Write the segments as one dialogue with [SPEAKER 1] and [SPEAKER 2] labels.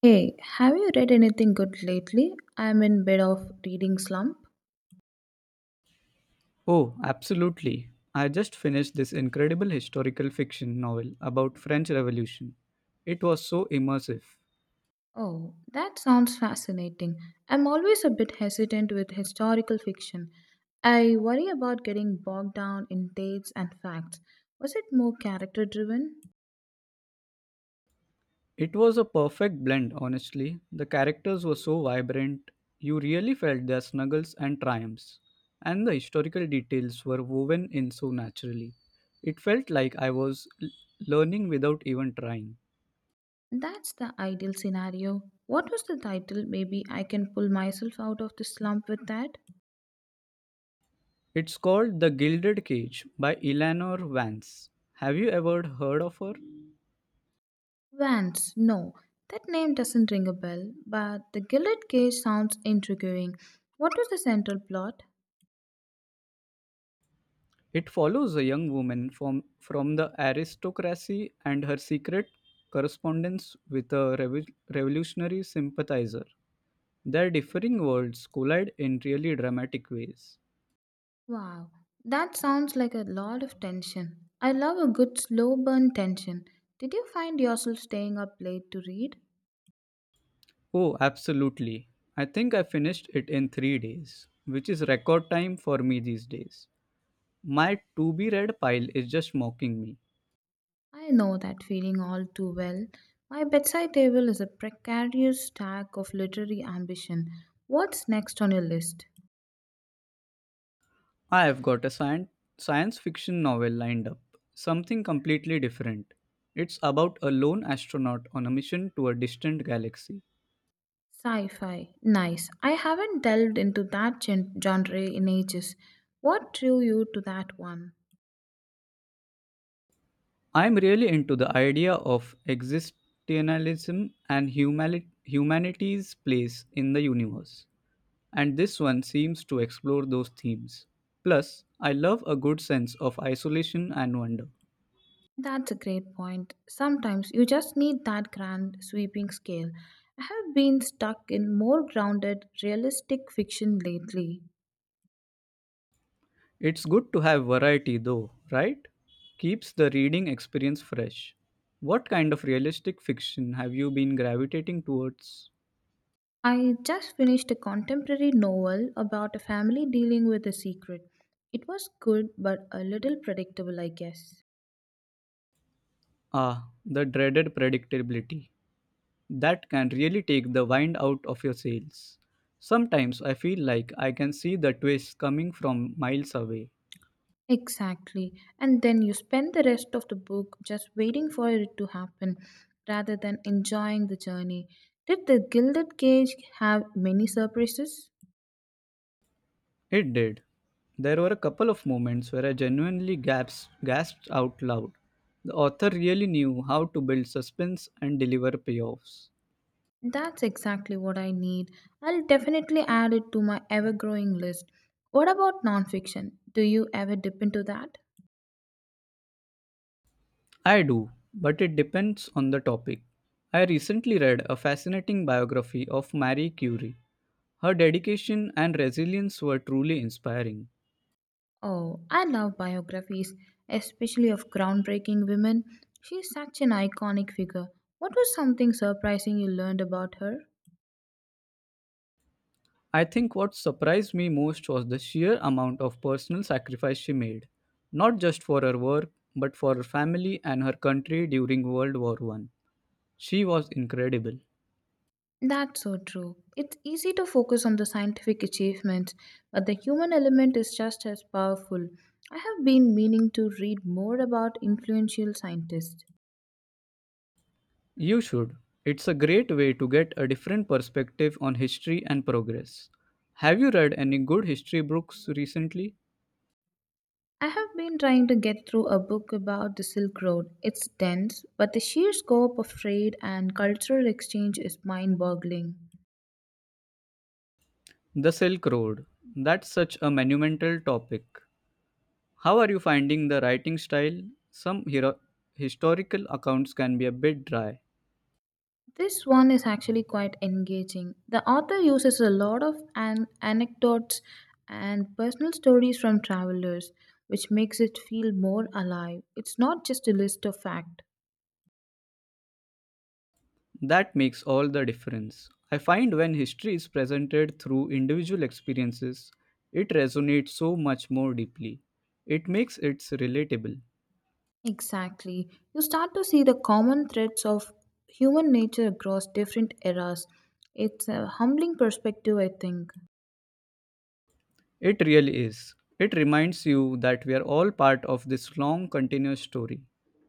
[SPEAKER 1] Hey, have you read anything good lately? I'm in bit of reading slump.
[SPEAKER 2] Oh, absolutely. I just finished this incredible historical fiction novel about French Revolution. It was so immersive.
[SPEAKER 1] Oh, that sounds fascinating. I'm always a bit hesitant with historical fiction. I worry about getting bogged down in dates and facts. Was it more character driven?
[SPEAKER 2] It was a perfect blend, honestly. The characters were so vibrant. You really felt their snuggles and triumphs. And the historical details were woven in so naturally. It felt like learning without even trying.
[SPEAKER 1] That's the ideal scenario. What was the title? Maybe I can pull myself out of the slump with that.
[SPEAKER 2] It's called The Gilded Cage by Eleanor Vance. Have you ever heard of her?
[SPEAKER 1] Vance, no. That name doesn't ring a bell, but the Gilded Cage sounds intriguing. What was the central plot?
[SPEAKER 2] It follows a young woman from the aristocracy and her secret correspondence with a revolutionary sympathizer. Their differing worlds collide in really dramatic ways.
[SPEAKER 1] Wow, that sounds like a lot of tension. I love a good slow burn tension. Did you find yourself staying up late to read?
[SPEAKER 2] Oh, absolutely. I think I finished it in 3 days, which is record time for me these days. My to be read pile is just mocking me.
[SPEAKER 1] I know that feeling all too well. My bedside table is a precarious stack of literary ambition. What's next on your list?
[SPEAKER 2] I have got a science fiction novel lined up, something completely different. It's about a lone astronaut on a mission to a distant galaxy.
[SPEAKER 1] Sci fi. Nice. I haven't delved into that genre in ages. What drew you to that one?
[SPEAKER 2] I'm really into the idea of existentialism and humanity's place in the universe, and this one seems to explore those themes. Plus, I love a good sense of isolation and wonder.
[SPEAKER 1] That's a great point. Sometimes you just need that grand sweeping scale. I have been stuck in more grounded, realistic fiction lately.
[SPEAKER 2] It's good to have variety though, right? Keeps the reading experience fresh. What kind of realistic fiction have you been gravitating towards?
[SPEAKER 1] I just finished a contemporary novel about a family dealing with a secret. It was good, but a little predictable, I guess.
[SPEAKER 2] Ah, the dreaded predictability. That can really take the wind out of your sails. Sometimes I feel like I can see the twists coming from miles away.
[SPEAKER 1] Exactly. And then you spend the rest of the book just waiting for it to happen rather than enjoying the journey. Did the Gilded Cage have many surprises?
[SPEAKER 2] It did. There were a couple of moments where I gasped out loud. The author really knew how to build suspense and deliver payoffs.
[SPEAKER 1] That's exactly what I need. I'll definitely add it to my ever growing list. What about nonfiction? Do you ever dip into that?
[SPEAKER 2] I do, but it depends on the topic. I recently read a fascinating biography of Marie Curie. Her dedication and resilience were truly inspiring.
[SPEAKER 1] Oh, I love biographies, especially of groundbreaking women. She's such an iconic figure. What was something surprising you learned about her?
[SPEAKER 2] I think what surprised me most was the sheer amount of personal sacrifice she made, not just for her work, but for her family and her country during World War One. She was incredible.
[SPEAKER 1] That's so true. It's easy to focus on the scientific achievements, but the human element is just as powerful. I have been meaning to read more about influential scientists.
[SPEAKER 2] You should. It's a great way to get a different perspective on history and progress. Have you read any good history books recently?
[SPEAKER 1] I have been trying to get through a book about the Silk Road. It's dense, but the sheer scope of trade and cultural exchange is mind boggling.
[SPEAKER 2] The Silk Road. That's such a monumental topic. How are you finding the writing style? Some historical accounts can be a bit dry.
[SPEAKER 1] This one is actually quite engaging. The author uses a lot of anecdotes and personal stories from travelers, which makes it feel more alive. It's not just a list of facts.
[SPEAKER 2] That makes all the difference. I find when history is presented through individual experiences, it resonates so much more deeply. It makes it relatable.
[SPEAKER 1] Exactly. You start to see the common threads of human nature across different eras. It's a humbling perspective, I think.
[SPEAKER 2] It really is. It reminds you that we are all part of this long continuous story.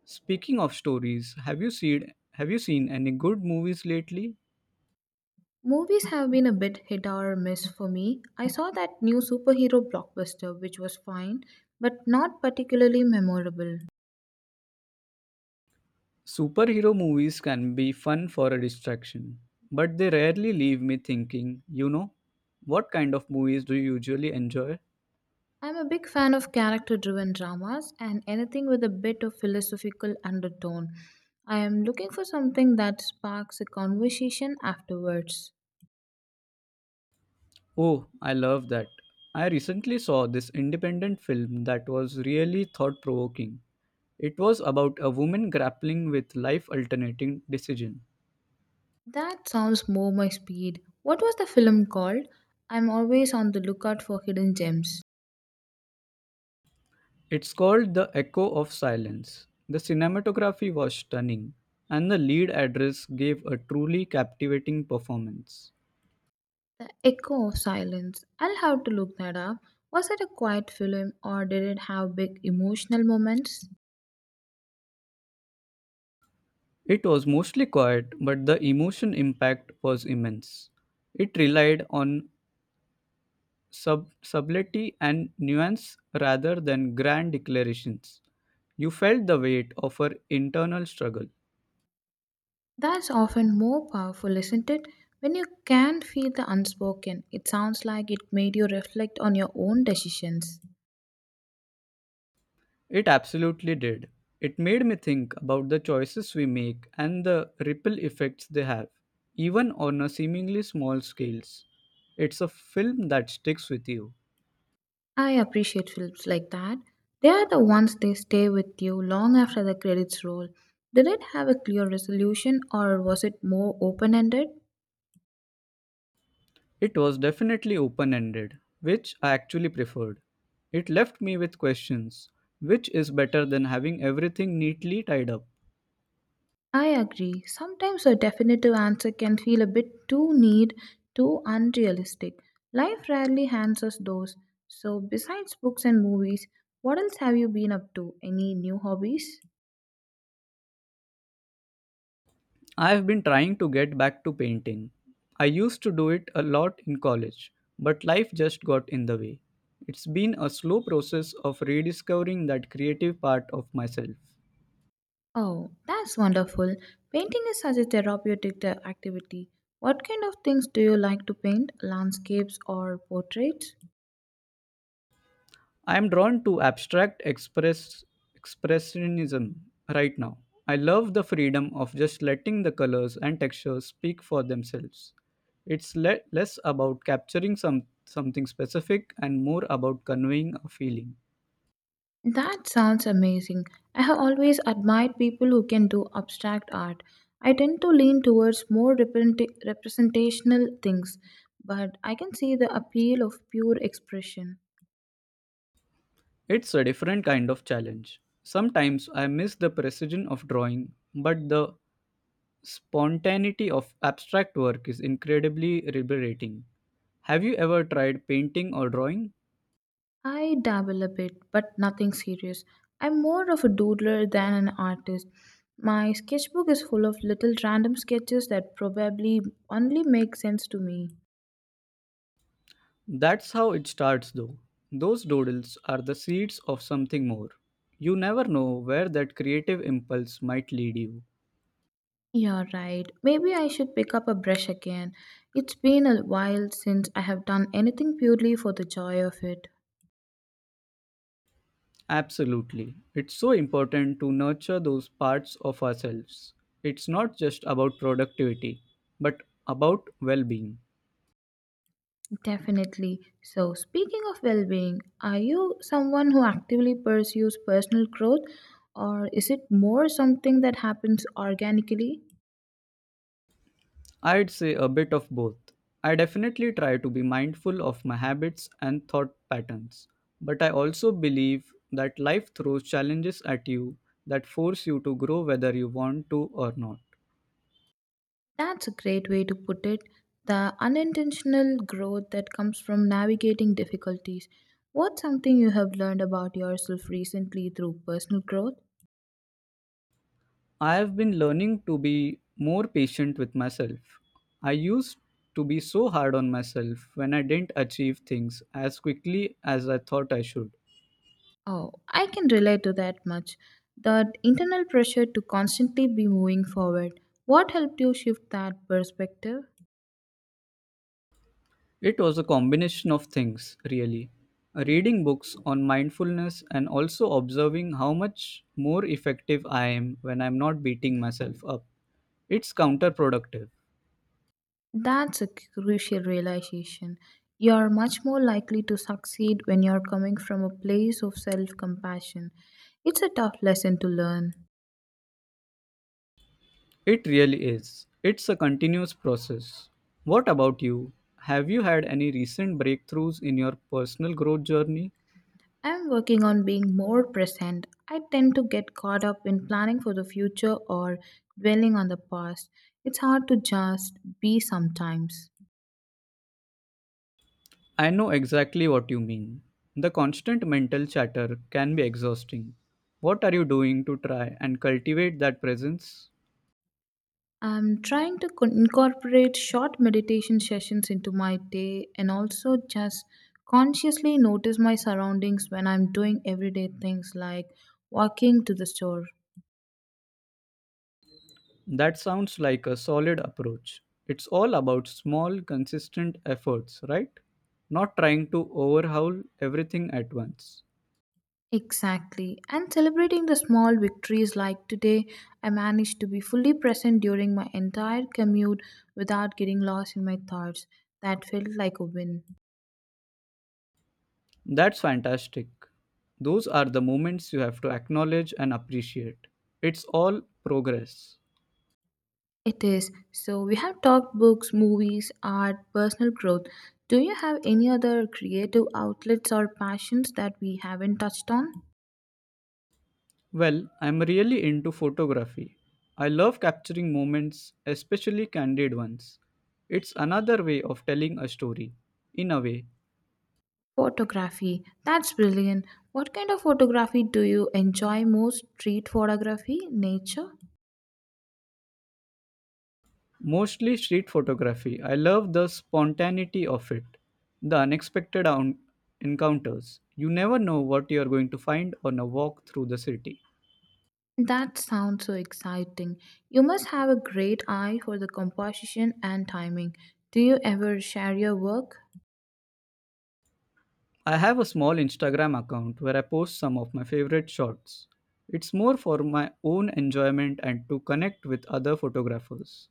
[SPEAKER 2] Speaking of stories, have you seen any good movies lately?
[SPEAKER 1] Movies have been a bit hit or miss for me. I saw that new superhero blockbuster, which was fine, but not particularly memorable.
[SPEAKER 2] Superhero movies can be fun for a distraction, but they rarely leave me thinking. What kind of movies do you usually enjoy?
[SPEAKER 1] I'm a big fan of character driven dramas and anything with a bit of philosophical undertone. I am looking for something that sparks a conversation afterwards.
[SPEAKER 2] Oh, I love that. I recently saw this independent film that was really thought provoking. It was about a woman grappling with life alternating decision.
[SPEAKER 1] That sounds more my speed. What was the film called? I'm always on the lookout for hidden gems.
[SPEAKER 2] It's called The Echo of Silence. The cinematography was stunning, and the lead actress gave a truly captivating performance.
[SPEAKER 1] The Echo of Silence. I'll have to look that up. Was it a quiet film or did it have big emotional moments?
[SPEAKER 2] It was mostly quiet, but the emotion impact was immense. It relied on subtlety and nuance rather than grand declarations. You felt the weight of her internal struggle.
[SPEAKER 1] That's often more powerful, isn't it? When you can feel the unspoken, it sounds like it made you reflect on your own decisions.
[SPEAKER 2] It absolutely did. It made me think about the choices we make and the ripple effects they have, even on a seemingly small scales. It's a film that sticks with you.
[SPEAKER 1] I appreciate films like that. They are the ones they stay with you long after the credits roll. Did it have a clear resolution or was it more open ended?
[SPEAKER 2] It was definitely open ended, which I actually preferred. It left me with questions, which is better than having everything neatly tied up.
[SPEAKER 1] I agree. Sometimes a definitive answer can feel a bit too neat, too unrealistic. Life rarely hands us those. So, besides books and movies, what else have you been up to? Any new hobbies?
[SPEAKER 2] I have been trying to get back to painting. I used to do it a lot in college, but life just got in the way. It's been a slow process of rediscovering that creative part of myself.
[SPEAKER 1] Oh, that's wonderful. Painting is such a therapeutic activity. What kind of things do you like to paint? Landscapes or portraits?
[SPEAKER 2] I am drawn to abstract express expressionism right now. I love the freedom of just letting the colors and textures speak for themselves. Less about capturing something specific and more about conveying a feeling.
[SPEAKER 1] That sounds amazing. I have always admired people who can do abstract art. I tend to lean towards more representational things, but I can see the appeal of pure expression.
[SPEAKER 2] It's a different kind of challenge. Sometimes I miss the precision of drawing, but the spontaneity of abstract work is incredibly liberating. Have you ever tried painting or drawing?
[SPEAKER 1] I dabble a bit, but nothing serious. I'm more of a doodler than an artist. My sketchbook is full of little random sketches that probably only make sense to me.
[SPEAKER 2] That's how it starts, though. Those doodles are the seeds of something more. You never know where that creative impulse might lead you.
[SPEAKER 1] You're right. Maybe I should pick up a brush again. It's been a while since I have done anything purely for the joy of it.
[SPEAKER 2] Absolutely. It's so important to nurture those parts of ourselves. It's not just about productivity, but about well being.
[SPEAKER 1] Definitely. So, speaking of well being, are you someone who actively pursues personal growth, or is it more something that happens organically?
[SPEAKER 2] I'd say a bit of both. I definitely try to be mindful of my habits and thought patterns, but I also believe that life throws challenges at you that force you to grow whether you want to or not.
[SPEAKER 1] That's a great way to put it. The unintentional growth that comes from navigating difficulties. What's something you have learned about yourself recently through personal growth?
[SPEAKER 2] I have been learning to be more patient with myself. I used to be so hard on myself when I didn't achieve things as quickly as I thought I should.
[SPEAKER 1] Oh, I can relate to that much. That internal pressure to constantly be moving forward. What helped you shift that perspective?
[SPEAKER 2] It was a combination of things, really. Reading books on mindfulness and also observing how much more effective I am when I'm not beating myself up. It's counterproductive.
[SPEAKER 1] That's a crucial realization. You're much more likely to succeed when you're coming from a place of self compassion. It's a tough lesson to learn.
[SPEAKER 2] It really is. It's a continuous process. What about you? Have you had any recent breakthroughs in your personal growth journey?
[SPEAKER 1] I'm working on being more present. I tend to get caught up in planning for the future or dwelling on the past. It's hard to just be sometimes.
[SPEAKER 2] I know exactly what you mean. The constant mental chatter can be exhausting. What are you doing to try and cultivate that presence?
[SPEAKER 1] I'm trying to incorporate short meditation sessions into my day and also just consciously notice my surroundings when I'm doing everyday things like walking to the store.
[SPEAKER 2] That sounds like a solid approach. It's all about small, consistent efforts, right? Not trying to overhaul everything at once.
[SPEAKER 1] Exactly. And celebrating the small victories like today, I managed to be fully present during my entire commute without getting lost in my thoughts. That felt like a win.
[SPEAKER 2] That's fantastic. Those are the moments you have to acknowledge and appreciate. It's all progress.
[SPEAKER 1] It is. So we have talked books, movies, art, personal growth. Do you have any other creative outlets or passions that we haven't touched on?
[SPEAKER 2] Well, I'm really into photography. I love capturing moments, especially candid ones. It's another way of telling a story, in a way.
[SPEAKER 1] Photography. That's brilliant. What kind of photography do you enjoy most? Street photography, nature?
[SPEAKER 2] Mostly street photography. I love the spontaneity of it, the encounters. You never know what you are going to find on a walk through the city.
[SPEAKER 1] That sounds so exciting. You must have a great eye for the composition and timing. Do you ever share your work?
[SPEAKER 2] I have a small Instagram account where I post some of my favorite shots. It's more for my own enjoyment and to connect with other photographers.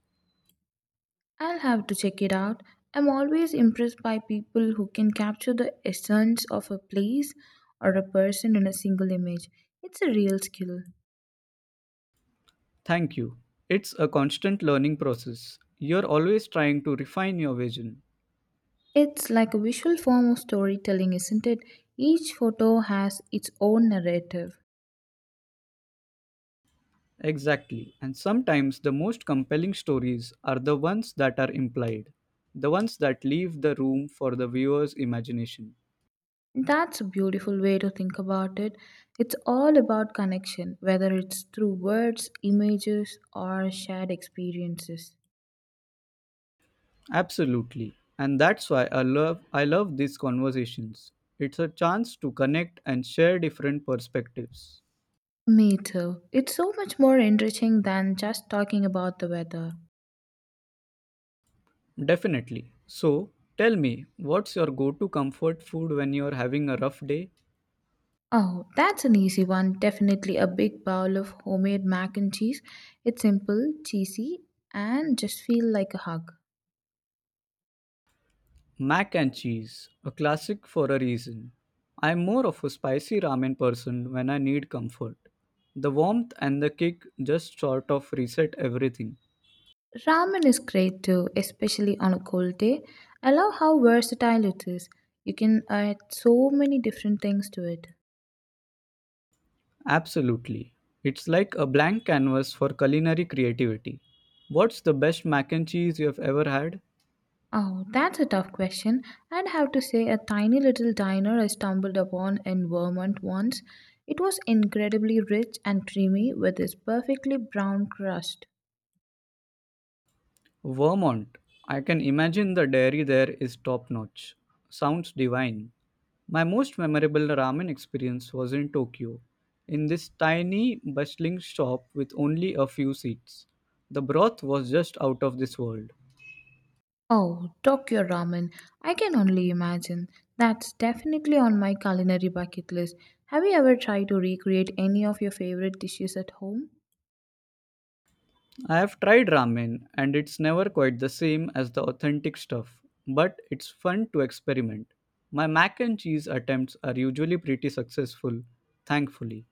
[SPEAKER 1] I'll have to check it out. I'm always impressed by people who can capture the essence of a place or a person in a single image. It's a real skill.
[SPEAKER 2] Thank you. It's a constant learning process. You're always trying to refine your vision.
[SPEAKER 1] It's like a visual form of storytelling, isn't it? Each photo has its own narrative.
[SPEAKER 2] Exactly. And sometimes the most compelling stories are the ones that are implied, the ones that leave the room for the viewer's imagination.
[SPEAKER 1] That's a beautiful way to think about it. It's all about connection, whether it's through words, images, or shared experiences.
[SPEAKER 2] Absolutely. And that's why I love these conversations. It's a chance to connect and share different perspectives.
[SPEAKER 1] Me too. It's so much more enriching than just talking about the weather.
[SPEAKER 2] Definitely. So, tell me, what's your go-to comfort food when you're having a rough day?
[SPEAKER 1] Oh, that's an easy one. Definitely a big bowl of homemade mac and cheese. It's simple, cheesy, and just feel like a hug.
[SPEAKER 2] Mac and cheese, a classic for a reason. I'm more of a spicy ramen person when I need comfort. The warmth and the kick just sort of reset everything.
[SPEAKER 1] Ramen is great too, especially on a cold day. I love how versatile it is. You can add so many different things to it.
[SPEAKER 2] Absolutely. It's like a blank canvas for culinary creativity. What's the best mac and cheese you've ever had?
[SPEAKER 1] Oh, that's a tough question. I'd have to say a tiny little diner I stumbled upon in Vermont once. It was incredibly rich and creamy with this perfectly brown crust.
[SPEAKER 2] Vermont. I can imagine the dairy there is top notch. Sounds divine. My most memorable ramen experience was in Tokyo, in this tiny, bustling shop with only a few seats. The broth was just out of this world.
[SPEAKER 1] Oh, Tokyo ramen. I can only imagine. That's definitely on my culinary bucket list. Have you ever tried to recreate any of your favorite dishes at home?
[SPEAKER 2] I have tried ramen, and it's never quite the same as the authentic stuff, but it's fun to experiment. My mac and cheese attempts are usually pretty successful, thankfully.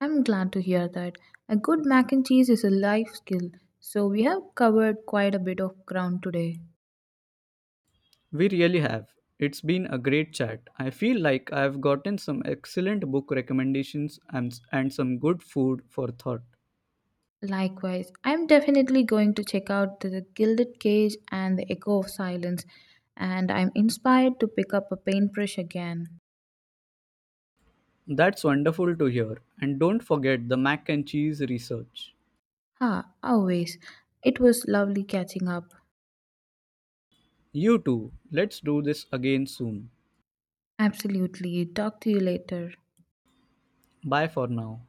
[SPEAKER 1] I'm glad to hear that. A good mac and cheese is a life skill, so we have covered quite a bit of ground today.
[SPEAKER 2] We really have. It's been a great chat. I feel like I've gotten some excellent book recommendations and some good food for thought.
[SPEAKER 1] Likewise, I'm definitely going to check out the Gilded Cage and the Echo of Silence, and I'm inspired to pick up a paintbrush again.
[SPEAKER 2] That's wonderful to hear. And don't forget the mac and cheese research.
[SPEAKER 1] Ah, always. It was lovely catching up.
[SPEAKER 2] You too. Let's do this again soon.
[SPEAKER 1] Absolutely. Talk to you later.
[SPEAKER 2] Bye for now.